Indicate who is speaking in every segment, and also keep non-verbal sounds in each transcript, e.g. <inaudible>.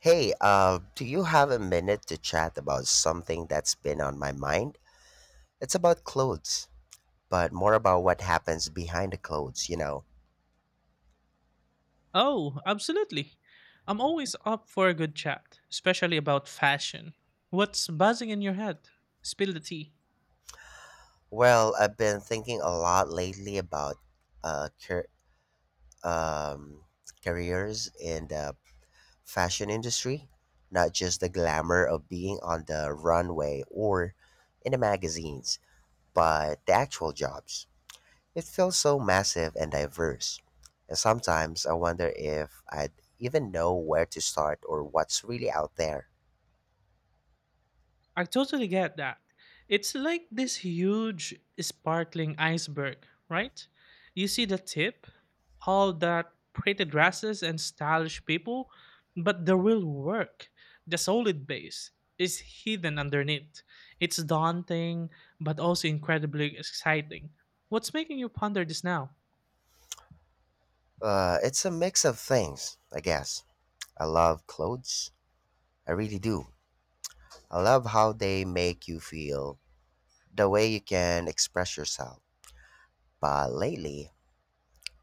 Speaker 1: Hey, do you have a minute to chat about something that's been on my mind? It's about clothes, but more about what happens behind the clothes, you know.
Speaker 2: Oh, absolutely. I'm always up for a good chat, especially about fashion. What's buzzing in your head? Spill the tea.
Speaker 1: Well, I've been thinking a lot lately about uh, car- um, careers in the fashion industry, not just the glamour of being on the runway or in the magazines, but the actual jobs. It feels so massive and diverse. And sometimes I wonder if I'd even know where to start or what's really out there.
Speaker 2: I totally get that. It's like this huge, sparkling iceberg, right? You see the tip, all that pretty dresses and stylish people, but the real work, the solid base, is hidden underneath. It's daunting, but also incredibly exciting. What's making you ponder this now?
Speaker 1: It's a mix of things, I guess. I love clothes. I really do. I love how they make you feel, the way you can express yourself. But lately,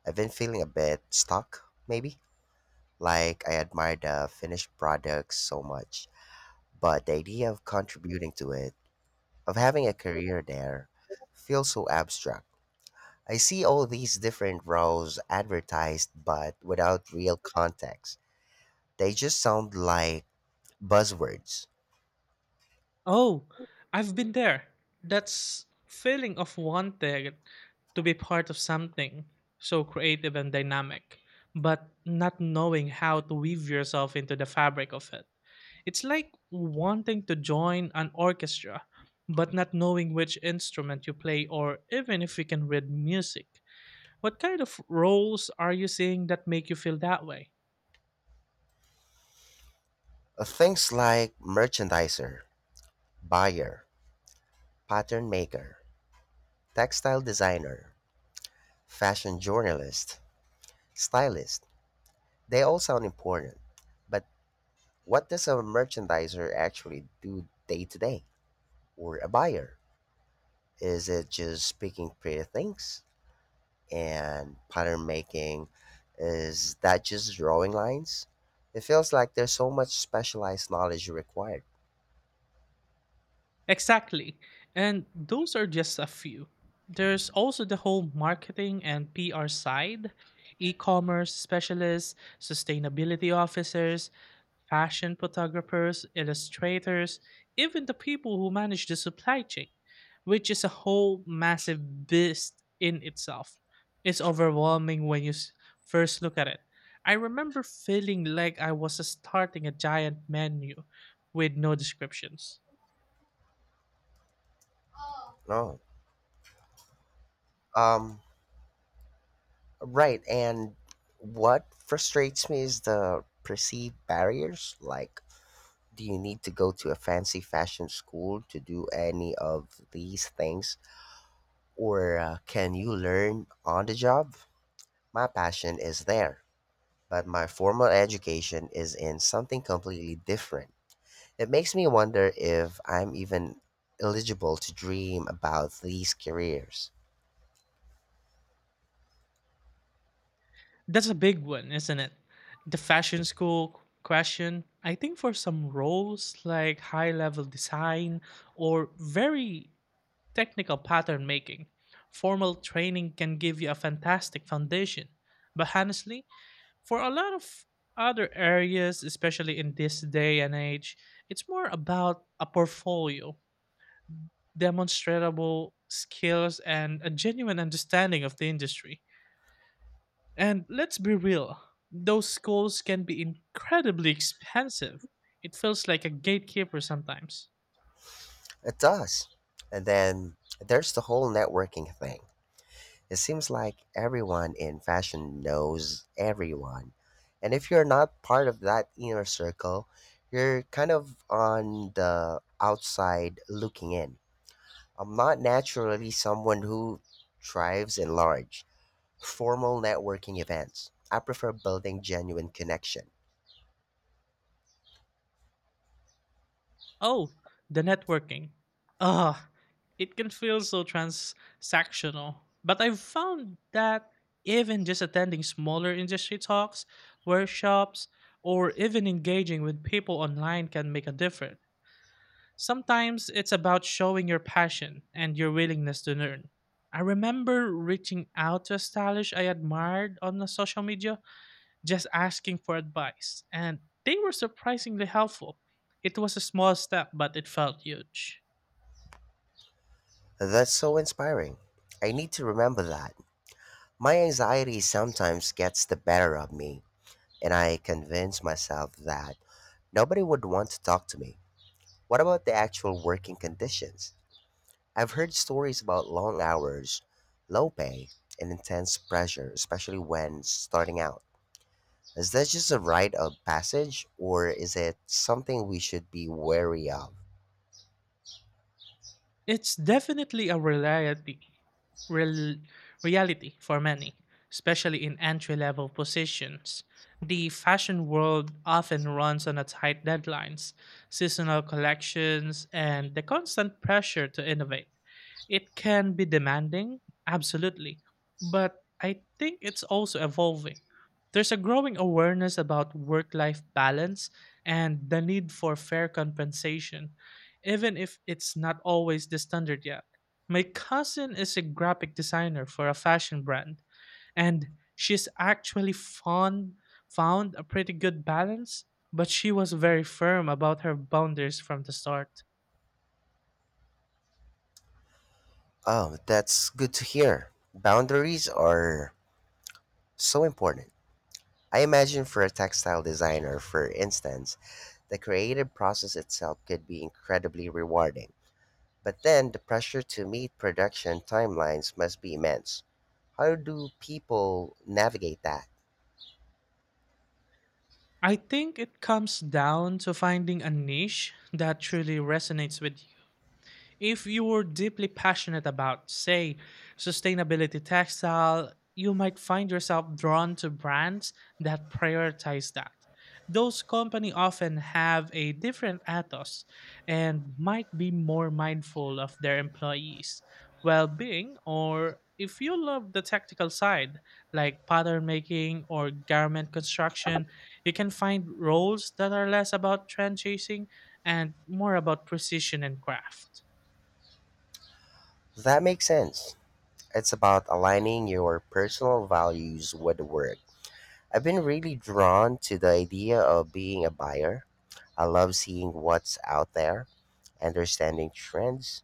Speaker 1: I've been feeling a bit stuck, maybe. Like I admire the finished product so much, but the idea of contributing to it, of having a career there, feels so abstract. I see all these different roles advertised, but without real context. They just sound like buzzwords.
Speaker 2: Oh, I've been there. That's feeling of wanting to be part of something so creative and dynamic, but not knowing how to weave yourself into the fabric of it. It's like wanting to join an orchestra, but not knowing which instrument you play or even if you can read music. What kind of roles are you seeing that make you feel that way?
Speaker 1: Things like merchandiser, buyer, pattern maker, textile designer, fashion journalist, stylist. They all sound important. But what does a merchandiser actually do day to day? Or a buyer? Is it just picking pretty things? And pattern making, is that just drawing lines? It feels like there's so much specialized knowledge required.
Speaker 2: Exactly. And those are just a few. There's also the whole marketing and PR side, e commerce specialists, sustainability officers, fashion photographers, illustrators, even the people who manage the supply chain, which is a whole massive beast in itself. It's overwhelming when you first look at it. I remember feeling like I was starting a giant menu with no descriptions.
Speaker 1: No. Um, right. And what frustrates me is the perceived barriers. Like, do you need to go to a fancy fashion school to do any of these things? Or can you learn on the job? My passion is there, but my formal education is in something completely different. It makes me wonder if I'm even eligible to dream about these careers.
Speaker 2: That's a big one, isn't it? The fashion school question. I think for some roles like high level design or very technical pattern making, formal training can give you a fantastic foundation. But honestly, for a lot of other areas, especially in this day and age, it's more about a portfolio, demonstrable skills, and a genuine understanding of the industry. And let's be real, those schools can be incredibly expensive. It feels like a gatekeeper sometimes.
Speaker 1: It does. And then there's the whole networking thing. It seems like everyone in fashion knows everyone. And if you're not part of that inner circle, you're kind of on the outside looking in. I'm not naturally someone who thrives in large, formal networking events. I prefer building genuine connection.
Speaker 2: Oh, the networking. Ah, it can feel so transactional. But I've found that even just attending smaller industry talks, workshops, or even engaging with people online can make a difference. Sometimes it's about showing your passion and your willingness to learn. I remember reaching out to a stylist I admired on the social media, just asking for advice, and they were surprisingly helpful. It was a small step, but it felt huge.
Speaker 1: That's so inspiring. I need to remember that. My anxiety sometimes gets the better of me, and I convince myself that nobody would want to talk to me. What about the actual working conditions? I've heard stories about long hours, low pay, and intense pressure, especially when starting out. Is that just a rite of passage, or is it something we should be wary of?
Speaker 2: It's definitely a reality, real, reality for many, especially in entry level positions. The fashion world often runs on a tight deadlines, seasonal collections, and the constant pressure to innovate. It can be demanding, absolutely, but I think it's also evolving. There's a growing awareness about work life balance and the need for fair compensation, even if it's not always the standard yet. My cousin is a graphic designer for a fashion brand, and she's found a pretty good balance, but she was very firm about her boundaries from the start.
Speaker 1: Oh, that's good to hear. Boundaries are so important. I imagine for a textile designer, for instance, the creative process itself could be incredibly rewarding. But then the pressure to meet production timelines must be immense. How do people navigate that?
Speaker 2: I think it comes down to finding a niche that truly resonates with if you were deeply passionate about, say, sustainability textile, you might find yourself drawn to brands that prioritize that. Those company often have a different ethos and might be more mindful of their employees' well-being, or if you love the technical side like pattern making or garment construction, you can find roles that are less about trend chasing and more about precision and craft.
Speaker 1: That makes sense. It's about aligning your personal values with the work. I've been really drawn to the idea of being a buyer. I love seeing what's out there, understanding trends,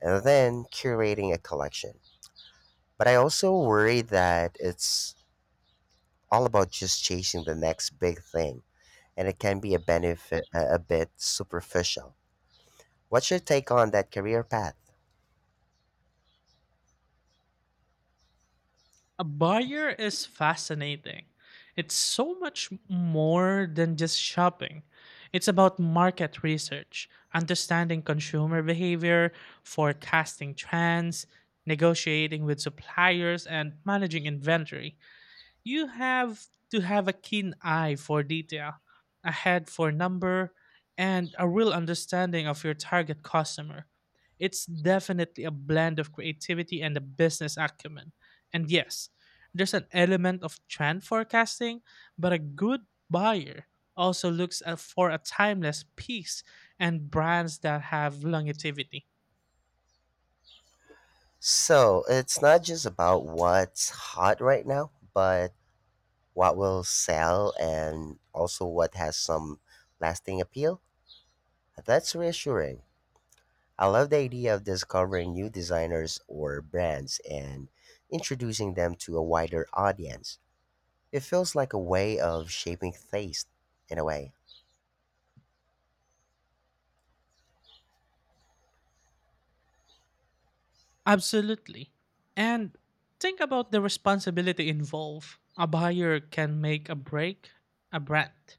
Speaker 1: and then curating a collection. But I also worry that it's all about just chasing the next big thing, and it can be a benefit a bit superficial. What's your take on that career path?
Speaker 2: A buyer is fascinating. It's so much more than just shopping. It's about market research, understanding consumer behavior, forecasting trends, negotiating with suppliers, and managing inventory. You have to have a keen eye for detail, a head for number, and a real understanding of your target customer. It's definitely a blend of creativity and a business acumen. And yes, there's an element of trend forecasting, but a good buyer also for a timeless piece and brands that have longevity.
Speaker 1: So it's not just about what's hot right now, but what will sell and also what has some lasting appeal. That's reassuring. I love the idea of discovering new designers or brands and introducing them to a wider audience. It feels like a way of shaping taste in a way.
Speaker 2: Absolutely. And think about the responsibility involved. A buyer can make a break a brand.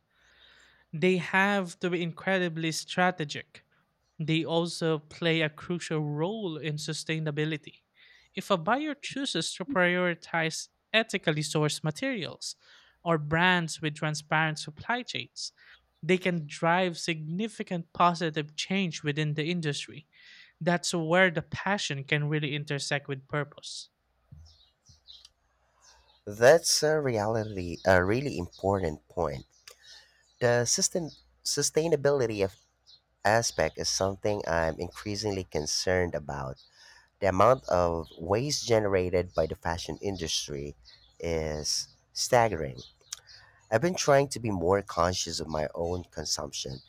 Speaker 2: They have to be incredibly strategic. They also play a crucial role in sustainability. If a buyer chooses to prioritize ethically sourced materials or brands with transparent supply chains, they can drive significant positive change within the industry. That's where the passion can really intersect with purpose.
Speaker 1: That's a reality, a really important point. The sustainability of aspect is something I'm increasingly concerned about. The amount of waste generated by the fashion industry is staggering. I've been trying to be more conscious of my own consumption,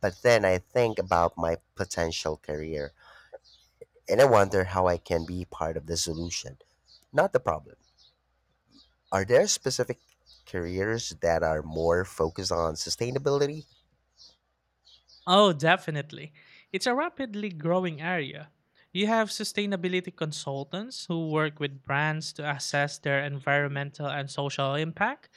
Speaker 1: but then I think about my potential career and I wonder how I can be part of the solution, not the problem. Are there specific careers that are more focused on sustainability?
Speaker 2: Oh, definitely. It's a rapidly growing area. You have sustainability consultants who work with brands to assess their environmental and social impact.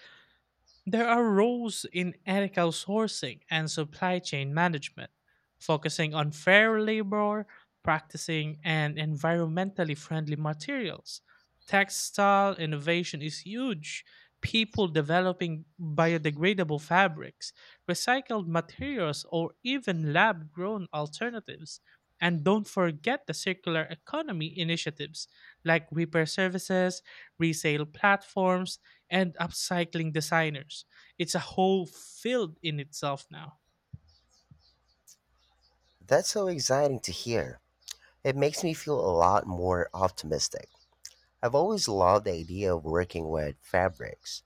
Speaker 2: There are roles in ethical sourcing and supply chain management, focusing on fair labor, practicing and environmentally friendly materials. Textile innovation is huge. People developing biodegradable fabrics, recycled materials, or even lab grown alternatives. And don't forget the circular economy initiatives like repair services, resale platforms, and upcycling designers. It's a whole field in itself now.
Speaker 1: That's so exciting to hear. It makes me feel a lot more optimistic. I've always loved the idea of working with fabrics,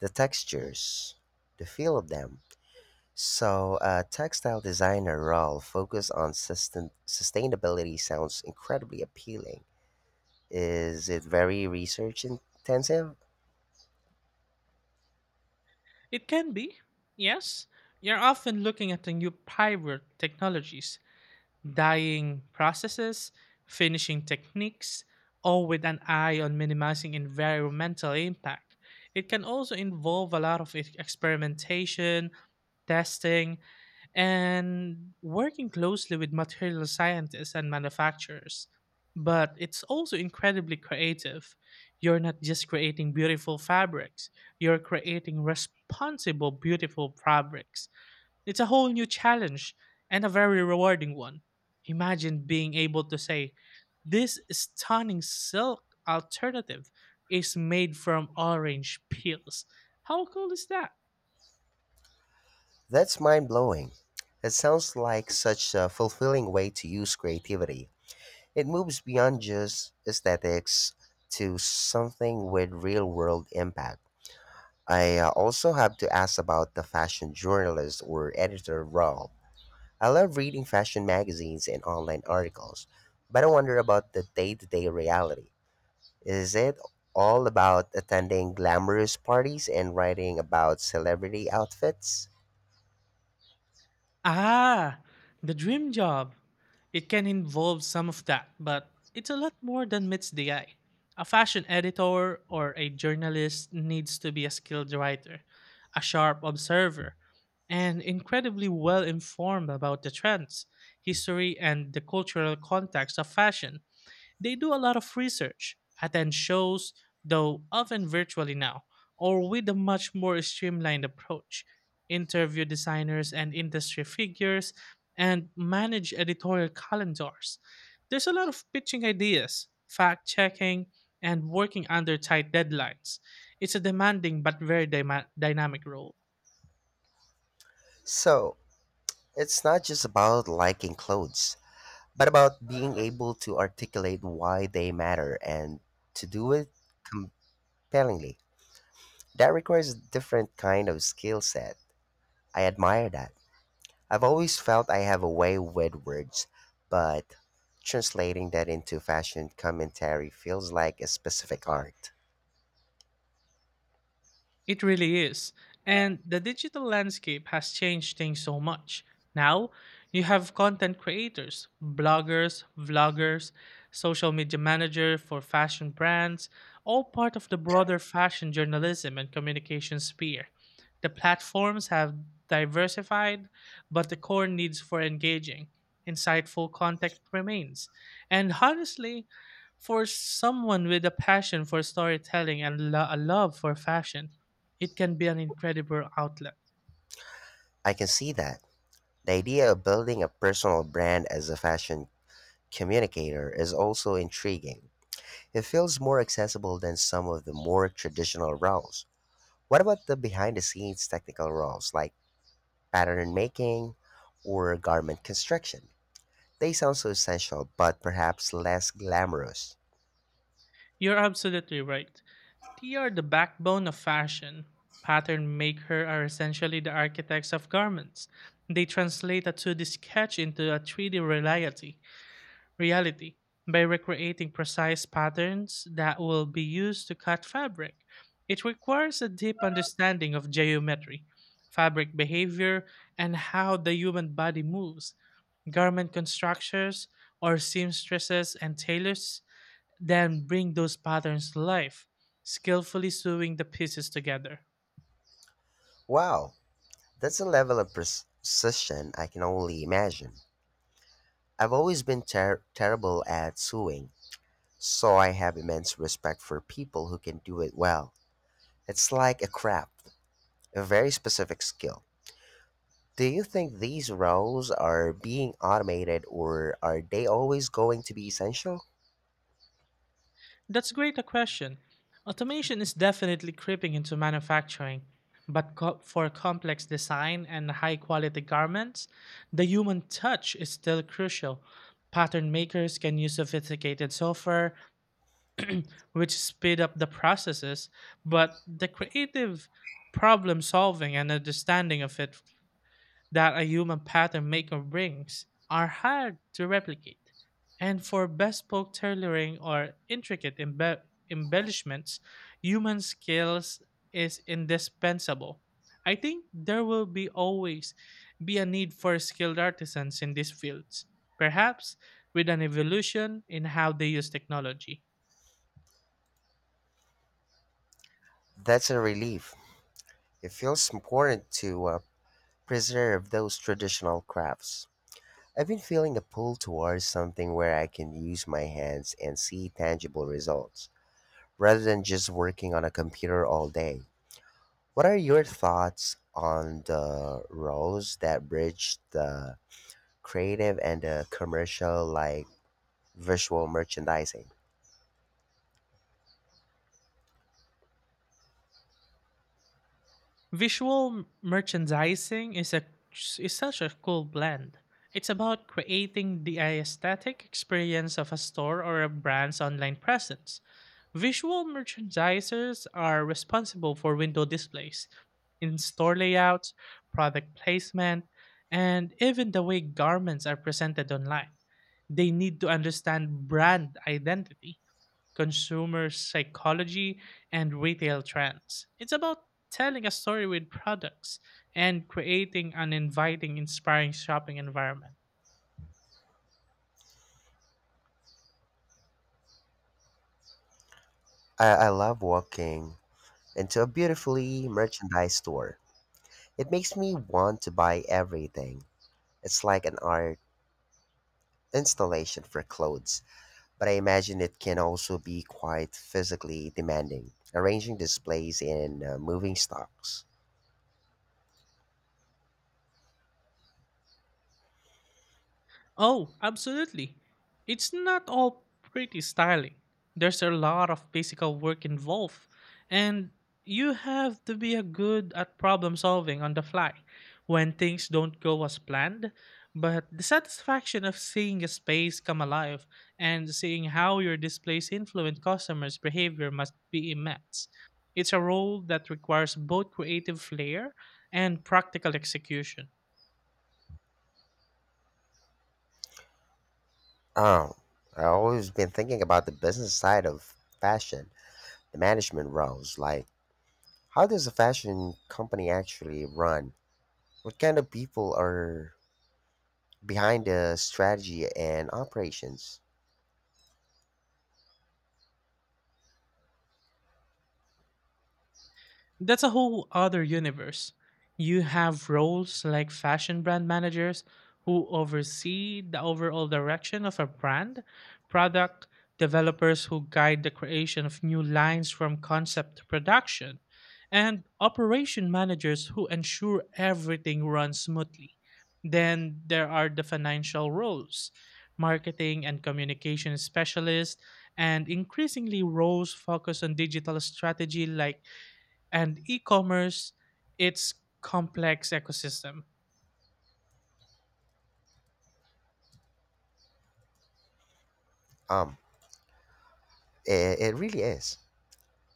Speaker 1: the textures, the feel of them. So, a textile designer role focused on sustainability sounds incredibly appealing. Is it very research intensive?
Speaker 2: It can be, yes. You're often looking at the new pivot technologies, dyeing processes, finishing techniques, all with an eye on minimizing environmental impact. It can also involve a lot of experimentation, testing, and working closely with material scientists and manufacturers. But it's also incredibly creative. You're not just creating beautiful fabrics, you're creating responsible, beautiful fabrics. It's a whole new challenge and a very rewarding one. Imagine being able to say, "This stunning silk alternative is made from orange peels." How cool is that?
Speaker 1: That's mind blowing. It sounds like such a fulfilling way to use creativity. It moves beyond just aesthetics to something with real world impact. I also have to ask about the fashion journalist or editor role. I love reading fashion magazines and online articles, but I wonder about the day to day reality. Is it all about attending glamorous parties and writing about celebrity outfits?
Speaker 2: Ah, the dream job. It can involve some of that, but it's a lot more than meets the eye. A fashion editor or a journalist needs to be a skilled writer, a sharp observer, and incredibly well informed about the trends, history, and the cultural context of fashion. They do a lot of research, attend shows, though often virtually now, or with a much more streamlined approach, interview designers and industry figures, and manage editorial calendars. There's a lot of pitching ideas, fact checking, and working under tight deadlines. It's a demanding but very dynamic role.
Speaker 1: So, it's not just about liking clothes, but about being able to articulate why they matter and to do it compellingly. That requires a different kind of skill set. I admire that. I've always felt I have a way with words, but translating that into fashion commentary feels like a specific art.
Speaker 2: It really is. And the digital landscape has changed things so much. Now, you have content creators, bloggers, vloggers, social media manager for fashion brands, all part of the broader fashion journalism and communication sphere. The platforms have diversified, but the core needs for engaging, insightful content remains. And honestly, for someone with a passion for storytelling and a love for fashion, it can be an incredible outlet.
Speaker 1: I can see that. The idea of building a personal brand as a fashion communicator is also intriguing. It feels more accessible than some of the more traditional roles. What about the behind the scenes technical roles like pattern making or garment construction? They sound so essential, but perhaps less glamorous.
Speaker 2: You're absolutely right. They are the backbone of fashion. Pattern maker are essentially the architects of garments. They translate a 2D sketch into a 3D reality. Reality by recreating precise patterns that will be used to cut fabric. It requires a deep understanding of geometry, fabric behavior, and how the human body moves. Garment constructors or seamstresses and tailors then bring those patterns to life, skillfully sewing the pieces together.
Speaker 1: Wow, that's a level of precision I can only imagine. I've always been terrible at sewing, so I have immense respect for people who can do it well. It's like a craft, a very specific skill. Do you think these roles are being automated or are they always going to be essential?
Speaker 2: That's great a question. Automation is definitely creeping into manufacturing, but for complex design and high quality garments, the human touch is still crucial. Pattern makers can use sophisticated software, which speed up the processes, but the creative problem solving and understanding of it that a human pattern maker brings are hard to replicate. And for bespoke tailoring or intricate embellishments, human skills is indispensable. I think there will be a need for skilled artisans in these fields, perhaps with an evolution in how they use technology.
Speaker 1: That's a relief. It feels important to preserve those traditional crafts. I've been feeling a pull towards something where I can use my hands and see tangible results, rather than just working on a computer all day. What are your thoughts on the roles that bridge the creative and the commercial, like visual merchandising?
Speaker 2: Visual merchandising is such a cool blend. It's about creating the aesthetic experience of a store or a brand's online presence. Visual merchandisers are responsible for window displays, in-store layouts, product placement, and even the way garments are presented online. They need to understand brand identity, consumer psychology, and retail trends. It's about telling a story with products and creating an inviting, inspiring shopping environment.
Speaker 1: I love walking into a beautifully merchandised store. It makes me want to buy everything. It's like an art installation for clothes, but I imagine it can also be quite physically demanding, arranging displays and moving stocks.
Speaker 2: Oh, absolutely. It's not all pretty styling. There's a lot of physical work involved, and you have to be a good at problem solving on the fly when things don't go as planned. But the satisfaction of seeing a space come alive and seeing how your displays influence customers' behavior must be immense. It's a role that requires both creative flair and practical execution.
Speaker 1: Oh, I've always been thinking about the business side of fashion, the management roles. Like, how does a fashion company actually run? What kind of people are behind the strategy and operations?
Speaker 2: That's a whole other universe. You have roles like fashion brand managers who oversee the overall direction of a brand, product developers who guide the creation of new lines from concept to production, and operation managers who ensure everything runs smoothly. Then there are the financial roles, marketing and communication specialists, and increasingly roles focused on digital strategy like and e commerce, its complex ecosystem.
Speaker 1: Um, It, it really is.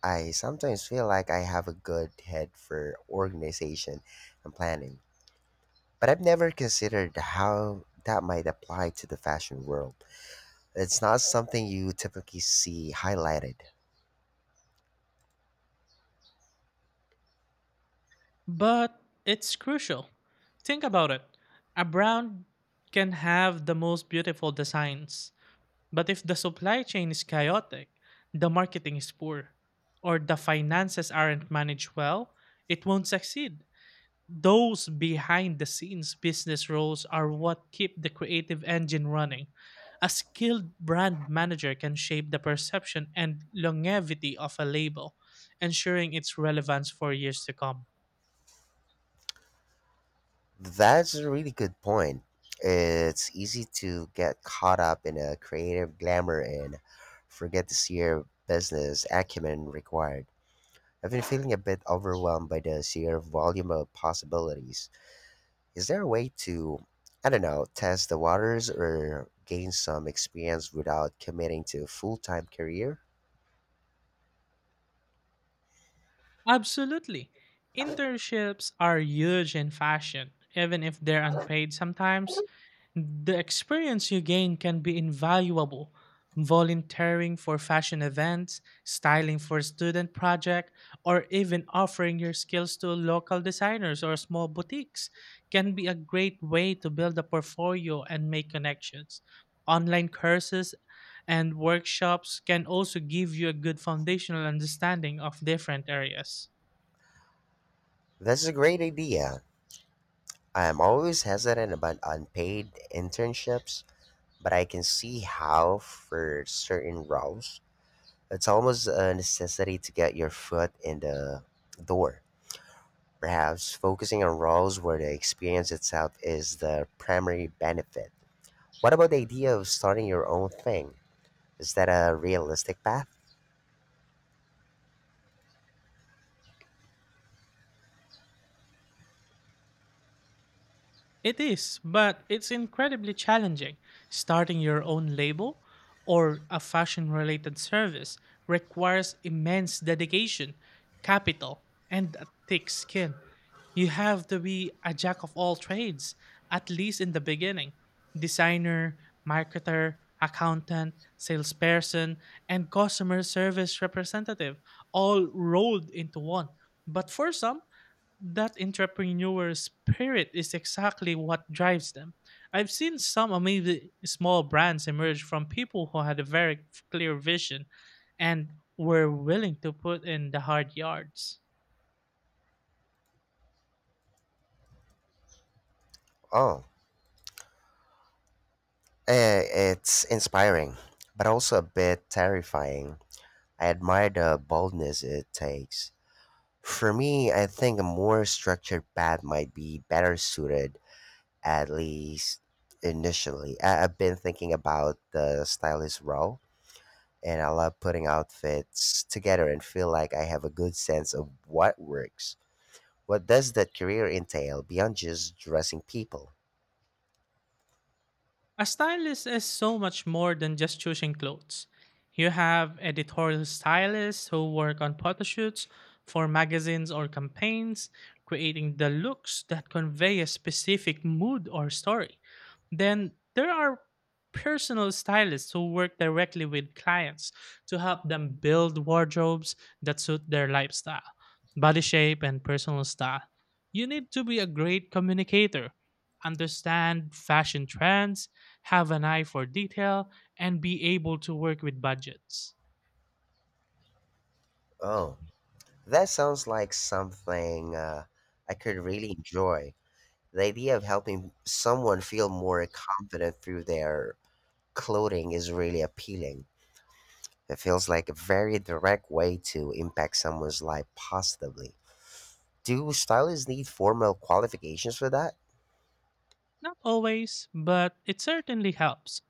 Speaker 1: I sometimes feel like I have a good head for organization and planning, but I've never considered how that might apply to the fashion world. It's not something you typically see highlighted.
Speaker 2: But it's crucial. Think about it. A brand can have the most beautiful designs, but if the supply chain is chaotic, the marketing is poor, or the finances aren't managed well, it won't succeed. Those behind the scenes business roles are what keep the creative engine running. A skilled brand manager can shape the perception and longevity of a label, ensuring its relevance for years to come.
Speaker 1: That's a really good point. It's easy to get caught up in a creative glamour and forget the sheer business acumen required. I've been feeling a bit overwhelmed by the sheer volume of possibilities. Is there a way to, I don't know, test the waters or gain some experience without committing to a full time career?
Speaker 2: Absolutely. Internships are huge in fashion, even if they're unpaid sometimes. The experience you gain can be invaluable. Volunteering for fashion events, styling for a student project, or even offering your skills to local designers or small boutiques can be a great way to build a portfolio and make connections. Online courses and workshops can also give you a good foundational understanding of different areas.
Speaker 1: That's a great idea. I am always hesitant about unpaid internships, but I can see how for certain roles it's almost a necessity to get your foot in the door. Perhaps focusing on roles where the experience itself is the primary benefit. What about the idea of starting your own thing? Is that a realistic path?
Speaker 2: It is, but it's incredibly challenging. Starting your own label or a fashion related service requires immense dedication, capital, and a thick skin. You have to be a jack of all trades, at least in the beginning designer, marketer, accountant, salesperson, and customer service representative all rolled into one. But for some, that entrepreneur spirit is exactly what drives them. I've seen some amazing small brands emerge from people who had a very clear vision and were willing to put in the hard yards.
Speaker 1: Oh, eh, it's inspiring, but also a bit terrifying. I admire the boldness it takes. For me, I think a more structured path might be better suited, at least initially. I've been thinking about the stylist role, and I love putting outfits together and feel like I have a good sense of what works. What does that career entail beyond just dressing people?
Speaker 2: A stylist is so much more than just choosing clothes. You have editorial stylists who work on photo shoots for magazines or campaigns, creating the looks that convey a specific mood or story. Then there are personal stylists who work directly with clients to help them build wardrobes that suit their lifestyle, body shape, and personal style. You need to be a great communicator, understand fashion trends, have an eye for detail, and be able to work with budgets.
Speaker 1: Oh, that sounds like something I could really enjoy. The idea of helping someone feel more confident through their clothing is really appealing. It feels like a very direct way to impact someone's life positively. Do stylists need formal qualifications for that?
Speaker 2: Not always, but it certainly helps.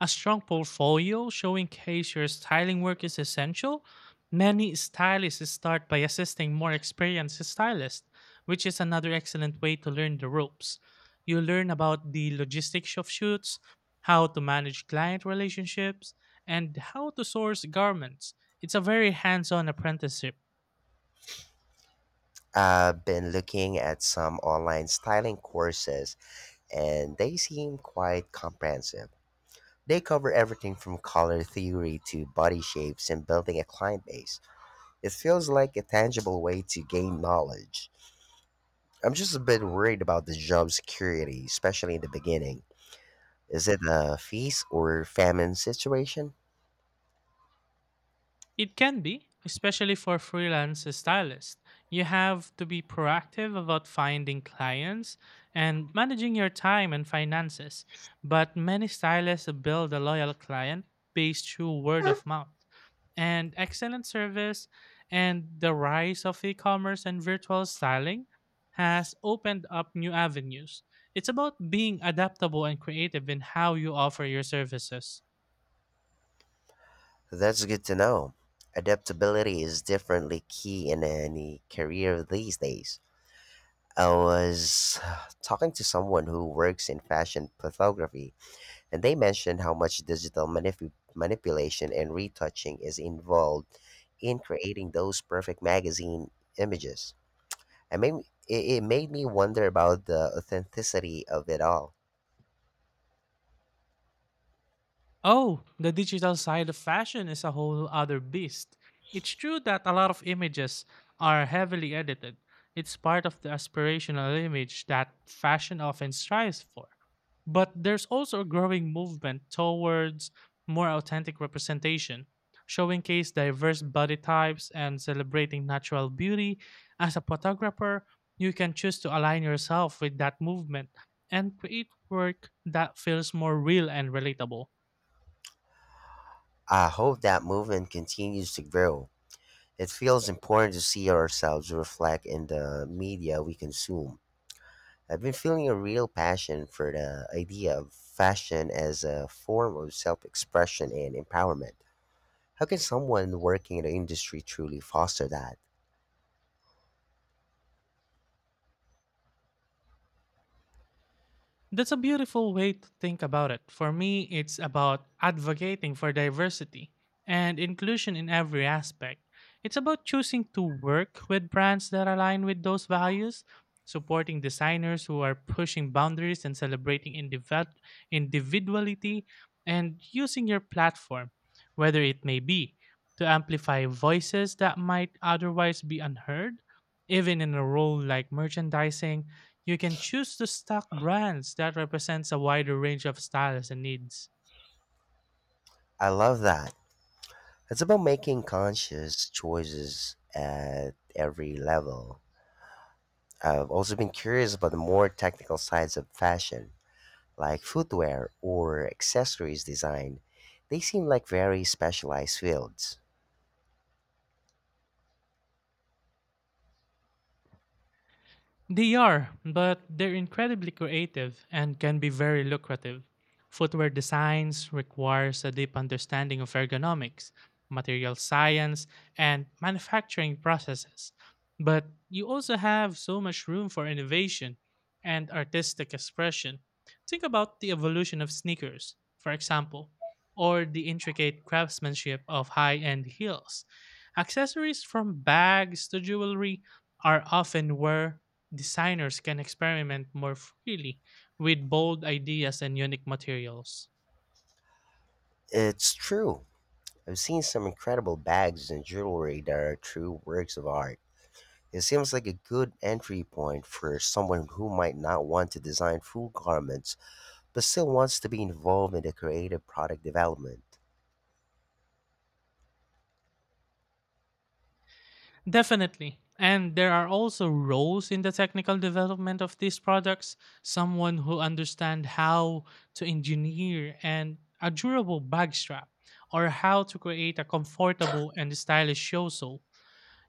Speaker 2: A strong portfolio showing case your styling work is essential. Many stylists start by assisting more experienced stylists, which is another excellent way to learn the ropes. You learn about the logistics of shoots, how to manage client relationships, and how to source garments. It's a very hands on apprenticeship.
Speaker 1: I've been looking at some online styling courses and they seem quite comprehensive. They cover everything from color theory to body shapes and building a client base. It feels like a tangible way to gain knowledge. I'm just a bit worried about the job security, especially in the beginning. Is it a feast or famine situation?
Speaker 2: It can be, especially for freelance stylists. You have to be proactive about finding clients and managing your time and finances. But many stylists build a loyal client base through word of mouth and excellent service, and the rise of e-commerce and virtual styling has opened up new avenues. It's about being adaptable and creative in how you offer your services.
Speaker 1: That's good to know. Adaptability is definitely key in any career these days. I was <sighs> talking to someone who works in fashion photography, and they mentioned how much digital manipulation and retouching is involved in creating those perfect magazine images. I mean, it made me wonder about the authenticity of it all.
Speaker 2: Oh, the digital side of fashion is a whole other beast. It's true that a lot of images are heavily edited. It's part of the aspirational image that fashion often strives for. But there's also a growing movement towards more authentic representation, showcasing diverse body types and celebrating natural beauty. As a photographer, you can choose to align yourself with that movement and create work that feels more real and relatable.
Speaker 1: I hope that movement continues to grow. It feels important to see ourselves reflect in the media we consume. I've been feeling a real passion for the idea of fashion as a form of self expression and empowerment. How can someone working in the industry truly foster that?
Speaker 2: That's a beautiful way to think about it. For me, it's about advocating for diversity and inclusion in every aspect. It's about choosing to work with brands that align with those values, supporting designers who are pushing boundaries and celebrating individuality, and using your platform, whether it may be, to amplify voices that might otherwise be unheard, even in a role like merchandising you can choose to stock brands that represents a wider range of styles and needs.
Speaker 1: I love that. It's about making conscious choices at every level. I've also been curious about the more technical sides of fashion, like footwear or accessories design, they seem like very specialized fields.
Speaker 2: They are, but they're incredibly creative and can be very lucrative. Footwear designs requires a deep understanding of ergonomics, material science, and manufacturing processes. But you also have so much room for innovation and artistic expression. Think about the evolution of sneakers, for example, or the intricate craftsmanship of high-end heels. Accessories from bags to jewelry are often where designers can experiment more freely with bold ideas and unique materials.
Speaker 1: It's true. I've seen some incredible bags and jewelry that are true works of art. It seems like a good entry point for someone who might not want to design full garments but still wants to be involved in the creative product development.
Speaker 2: Definitely. And there are also roles in the technical development of these products, someone who understands how to engineer and a durable bag strap or how to create a comfortable and stylish yoso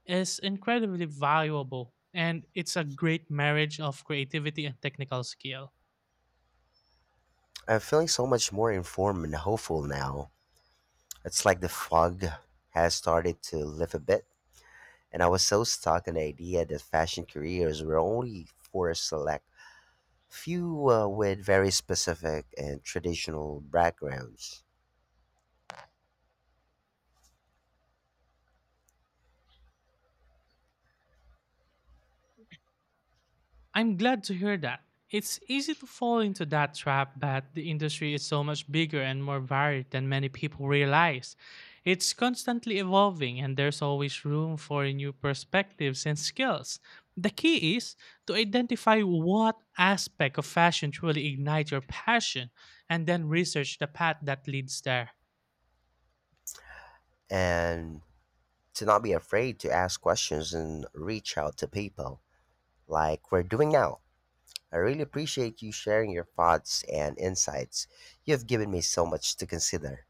Speaker 2: is incredibly valuable, and it's a great marriage of creativity and technical skill.
Speaker 1: I'm feeling so much more informed and hopeful now. It's like the fog has started to lift a bit. And I was so stuck in the idea that fashion careers were only for a select few with very specific and traditional backgrounds.
Speaker 2: I'm glad to hear that. It's easy to fall into that trap, but the industry is so much bigger and more varied than many people realize. It's constantly evolving and there's always room for new perspectives and skills. The key is to identify what aspect of fashion truly ignites your passion and then research the path that leads there.
Speaker 1: And to not be afraid to ask questions and reach out to people like we're doing now. I really appreciate you sharing your thoughts and insights. You have given me so much to consider.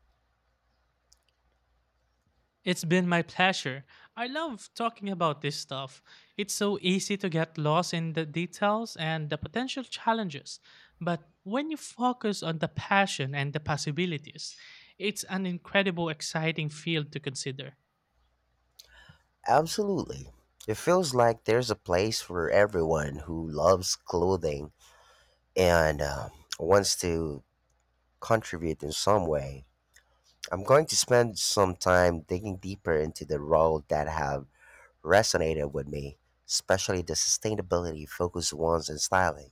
Speaker 2: It's been my pleasure. I love talking about this stuff. It's so easy to get lost in the details and the potential challenges. But when you focus on the passion and the possibilities, it's an incredible, exciting field to consider.
Speaker 1: Absolutely. It feels like there's a place for everyone who loves clothing and wants to contribute in some way. I'm going to spend some time digging deeper into the roles that have resonated with me, especially the sustainability focused ones in styling.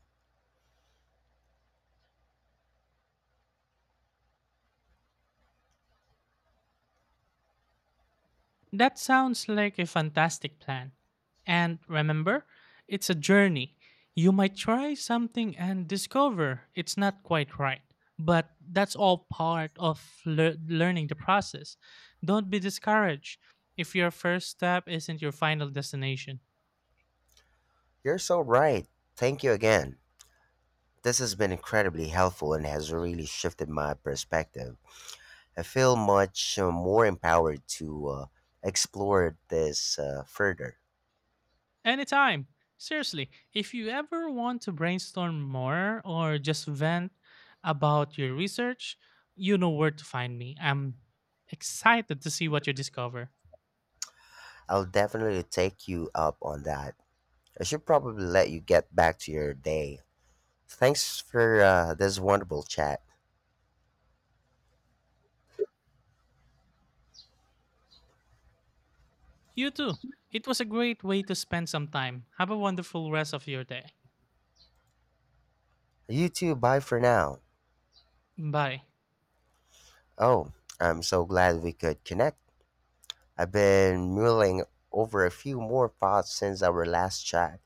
Speaker 2: That sounds like a fantastic plan. And remember, it's a journey. You might try something and discover it's not quite right, but that's all part of learning the process. Don't be discouraged if your first step isn't your final destination.
Speaker 1: You're so right. Thank you again. This has been incredibly helpful and has really shifted my perspective. I feel much more empowered to explore this further.
Speaker 2: Anytime. Seriously, if you ever want to brainstorm more or just vent about your research, you know where to find me. I'm excited to see what you discover.
Speaker 1: I'll definitely take you up on that. I should probably let you get back to your day. Thanks for this wonderful chat.
Speaker 2: You too. It was a great way to spend some time. Have a wonderful rest of your day.
Speaker 1: You too, bye for now.
Speaker 2: Bye.
Speaker 1: Oh, I'm so glad we could connect. I've been mulling over a few more thoughts since our last chat,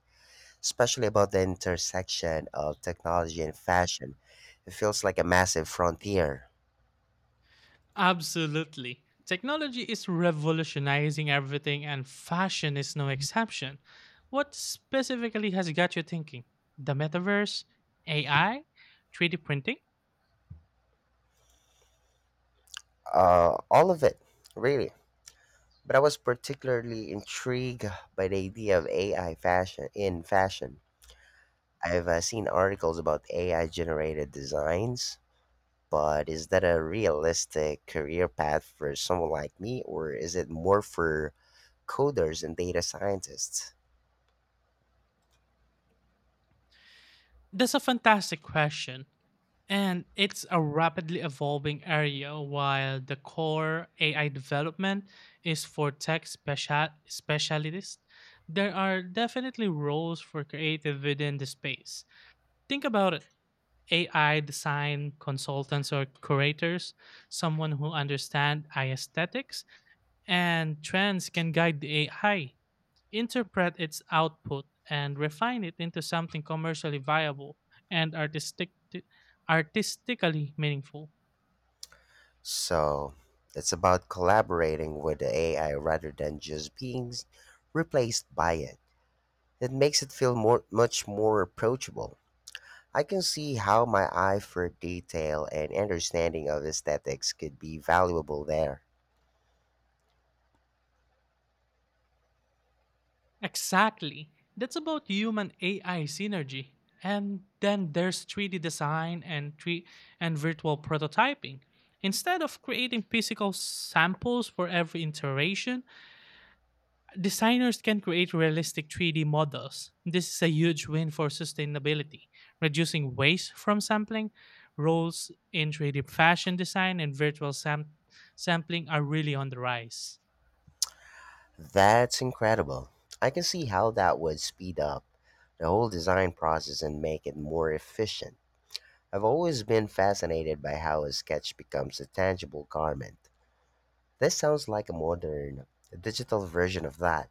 Speaker 1: especially about the intersection of technology and fashion. It feels like a massive frontier.
Speaker 2: Absolutely. Technology is revolutionizing everything, and fashion is no exception. What specifically has got you thinking? The metaverse? AI? 3D printing?
Speaker 1: All of it, really. But I was particularly intrigued by the idea of AI fashion in fashion. I've seen articles about AI generated designs, but is that a realistic career path for someone like me, or is it more for coders and data scientists?
Speaker 2: That's a fantastic question. And it's a rapidly evolving area while the core AI development is for specialists. There are definitely roles for creative within the space. Think about it. AI design consultants or curators, someone who understands aesthetics and trends can guide the AI, interpret its output and refine it into something commercially viable and artistically meaningful.
Speaker 1: So it's about collaborating with the AI rather than just being replaced by it. It makes it feel more, much more approachable. I can see how my eye for detail and understanding of aesthetics could be valuable there.
Speaker 2: Exactly. That's about human AI synergy. And then there's 3D design and 3 and virtual prototyping. Instead of creating physical samples for every iteration, designers can create realistic 3D models. This is a huge win for sustainability, reducing waste from sampling. Roles in 3D fashion design and sampling are really on the rise.
Speaker 1: That's incredible. I can see how that would speed up the whole design process and make it more efficient. I've always been fascinated by how a sketch becomes a tangible garment. This sounds like a modern, digital version of that.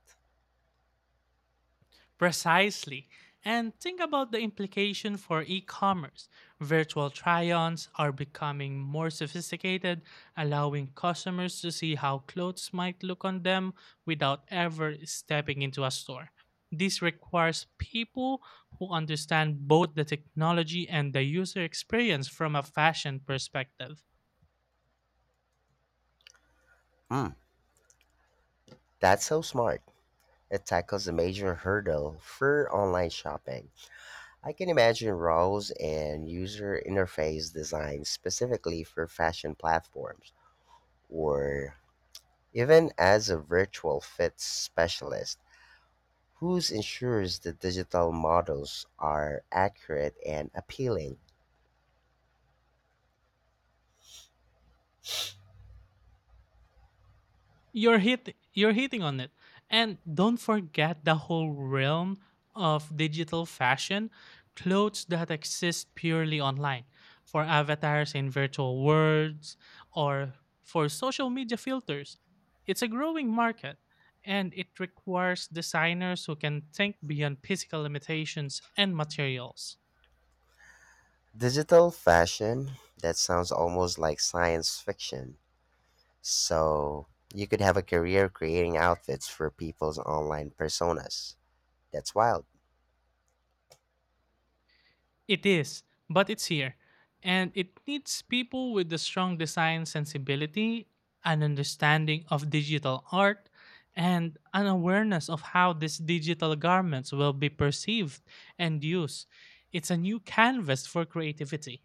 Speaker 2: Precisely. And think about the implication for e commerce. Virtual try ons are becoming more sophisticated, allowing customers to see how clothes might look on them without ever stepping into a store. This requires people who understand both the technology and the user experience from a fashion perspective.
Speaker 1: Hmm, that's so smart. It tackles a major hurdle for online shopping. I can imagine roles and user interface design specifically for fashion platforms, or even as a virtual fit specialist, who ensures the digital models are accurate and appealing?
Speaker 2: You're hitting on it, and don't forget the whole realm of digital fashion, clothes that exist purely online for avatars in virtual worlds, or for social media filters. It's a growing market, and it requires designers who can think beyond physical limitations and materials.
Speaker 1: Digital fashion? That sounds almost like science fiction. So, you could have a career creating outfits for people's online personas. That's wild.
Speaker 2: It is, but it's here. And it needs people with the strong design sensibility, an understanding of digital art, and an awareness of how these digital garments will be perceived and used. It's a new canvas for creativity.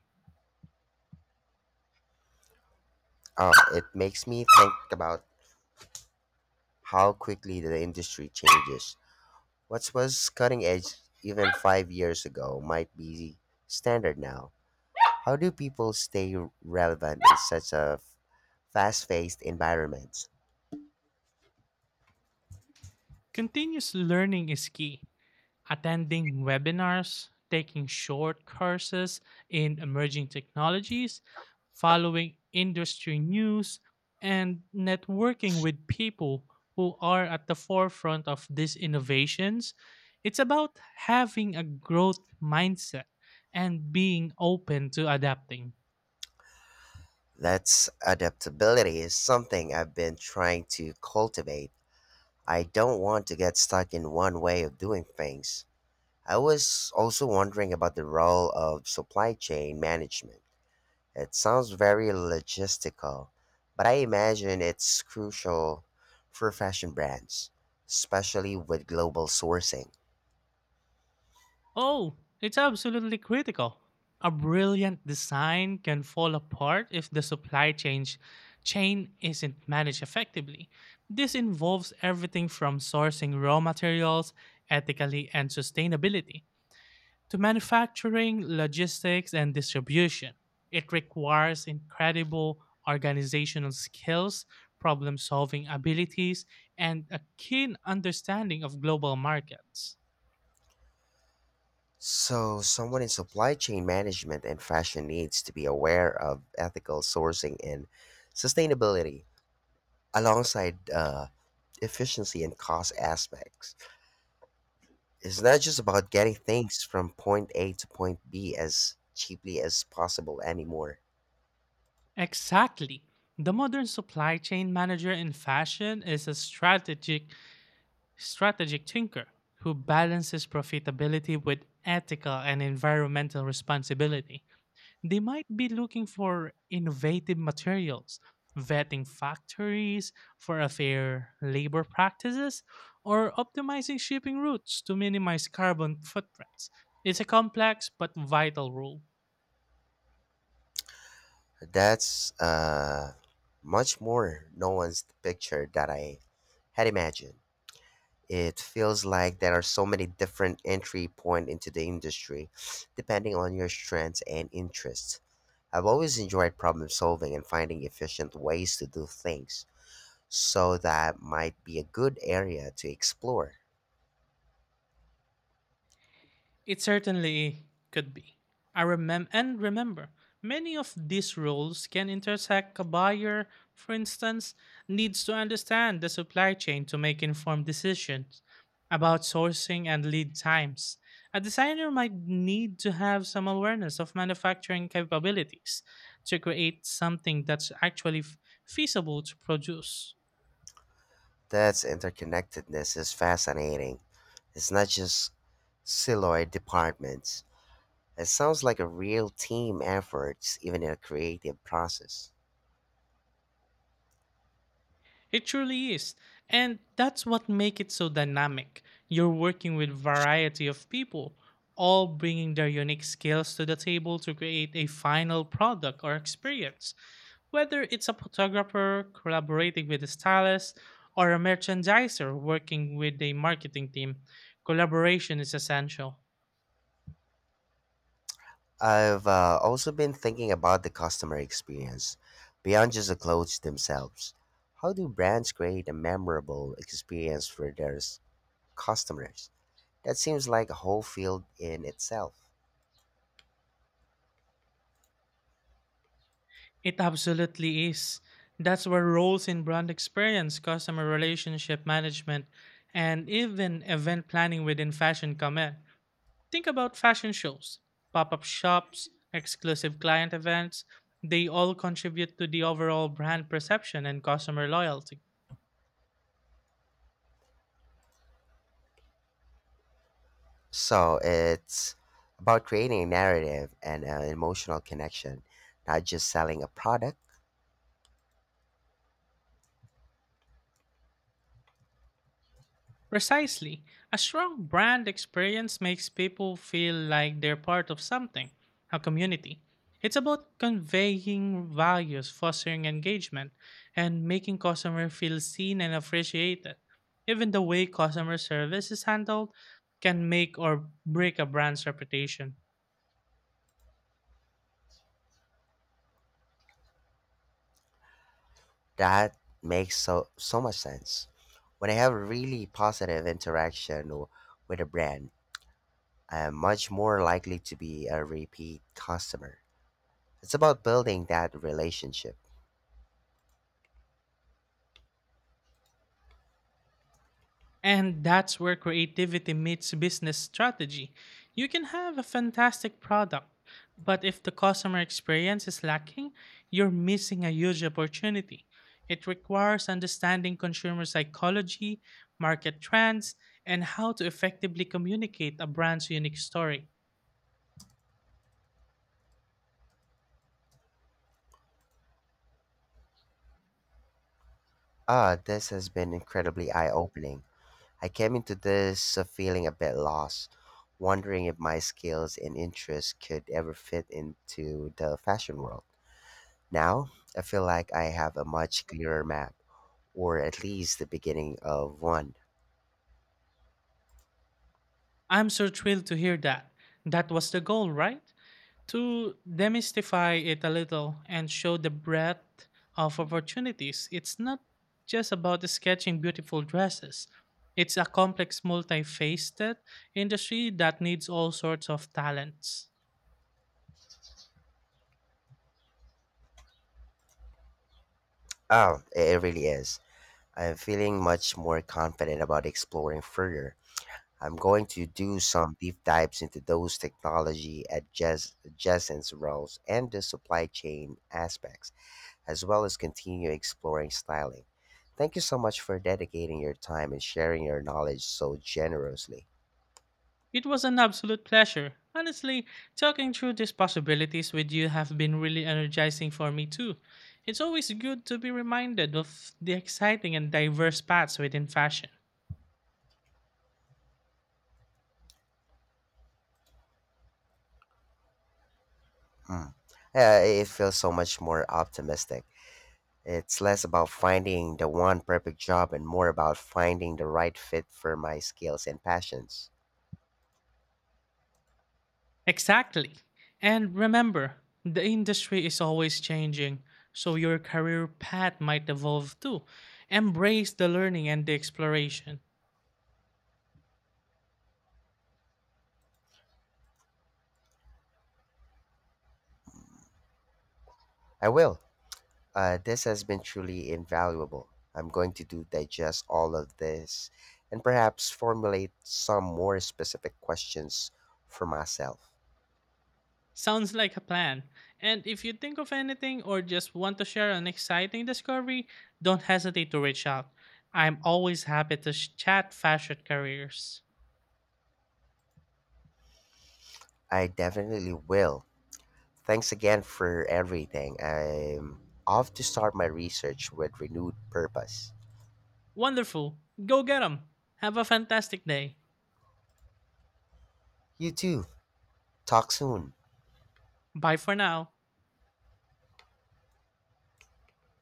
Speaker 1: Oh, it makes me think about how quickly the industry changes. What was cutting edge even 5 years ago might be standard now. How do people stay relevant in such a fast paced environment?
Speaker 2: Continuous learning is key. Attending webinars, taking short courses in emerging technologies, following industry news, and networking with people who are at the forefront of these innovations. It's about having a growth mindset and being open to adapting.
Speaker 1: That's adaptability is something I've been trying to cultivate. I don't want to get stuck in one way of doing things. I was also wondering about the role of supply chain management. It sounds very logistical, but I imagine it's crucial for fashion brands, especially with global sourcing.
Speaker 2: Oh, it's absolutely critical. A brilliant design can fall apart if the supply chain isn't managed effectively. This involves everything from sourcing raw materials ethically and sustainability to manufacturing, logistics and distribution. It requires incredible organizational skills, problem-solving abilities and a keen understanding of global markets.
Speaker 1: So, someone in supply chain management and fashion needs to be aware of ethical sourcing and sustainability alongside efficiency and cost aspects. It's not just about getting things from point A to point B as cheaply as possible anymore.
Speaker 2: Exactly. The modern supply chain manager in fashion is a strategic thinker who balances profitability with ethical and environmental responsibility. They might be looking for innovative materials, vetting factories for a fair labor practices, or optimizing shipping routes to minimize carbon footprints. It's a complex but vital role.
Speaker 1: That's much more nuanced picture that I had imagined. It feels like there are so many different entry point into the industry, depending on your strengths and interests. I've always enjoyed problem solving and finding efficient ways to do things, so that might be a good area to explore.
Speaker 2: It certainly could be. And remember, many of these roles can intersect. A buyer, for instance, needs to understand the supply chain to make informed decisions about sourcing and lead times. A designer might need to have some awareness of manufacturing capabilities to create something that's feasible to produce.
Speaker 1: That's interconnectedness is fascinating. It's not just siloed departments. It sounds like a real team effort, even in a creative process.
Speaker 2: It truly is. And that's what makes it so dynamic. You're working with variety of people, all bringing their unique skills to the table to create a final product or experience. Whether it's a photographer collaborating with a stylist or a merchandiser working with a marketing team, collaboration is essential.
Speaker 1: I've also been thinking about the customer experience, beyond just the clothes themselves. How do brands create a memorable experience for their customers? That seems like a whole field in itself.
Speaker 2: It absolutely is. That's where roles in brand experience, customer relationship management, and even event planning within fashion come in. Think about fashion shows, pop up shops, exclusive client events. They all contribute to the overall brand perception and customer loyalty.
Speaker 1: So it's about creating a narrative and an emotional connection, not just selling a product.
Speaker 2: Precisely, a strong brand experience makes people feel like they're part of something, a community. It's about conveying values, fostering engagement, and making customers feel seen and appreciated. Even the way customer service is handled can make or break a brand's reputation.
Speaker 1: That makes so, so much sense. When I have a really positive interaction with a brand, I am much more likely to be a repeat customer. It's about building that relationship.
Speaker 2: And that's where creativity meets business strategy. You can have a fantastic product, but if the customer experience is lacking, you're missing a huge opportunity. It requires understanding consumer psychology, market trends, and how to effectively communicate a brand's unique story.
Speaker 1: Ah, this has been incredibly eye opening. I came into this feeling a bit lost, wondering if my skills and interests could ever fit into the fashion world. Now, I feel like I have a much clearer map, or at least the beginning of one.
Speaker 2: I'm so thrilled to hear that. That was the goal, right? To demystify it a little and show the breadth of opportunities, it's not just about sketching beautiful dresses. It's a complex, multifaceted industry that needs all sorts of talents.
Speaker 1: Oh, it really is. I am feeling much more confident about exploring further. I'm going to do some deep dives into those technology adjacent roles and the supply chain aspects, as well as continue exploring styling. Thank you so much for dedicating your time and sharing your knowledge so generously.
Speaker 2: It was an absolute pleasure. Honestly, talking through these possibilities with you have been really energizing for me too. It's always good to be reminded of the exciting and diverse paths within fashion.
Speaker 1: Mm. It feels so much more optimistic. It's less about finding the one perfect job and more about finding the right fit for my skills and passions.
Speaker 2: Exactly. And remember, the industry is always changing, so your career path might evolve too. Embrace the learning and the exploration.
Speaker 1: I will. This has been truly invaluable. I'm going to do digest all of this and perhaps formulate some more specific questions for myself.
Speaker 2: Sounds like a plan. And if you think of anything or just want to share an exciting discovery, don't hesitate to reach out. I'm always happy to chat fashion careers.
Speaker 1: I definitely will. Thanks again for everything. I'm off to start my research with renewed purpose.
Speaker 2: Wonderful. Go get 'em. Have a fantastic day.
Speaker 1: You too. Talk soon.
Speaker 2: Bye for now.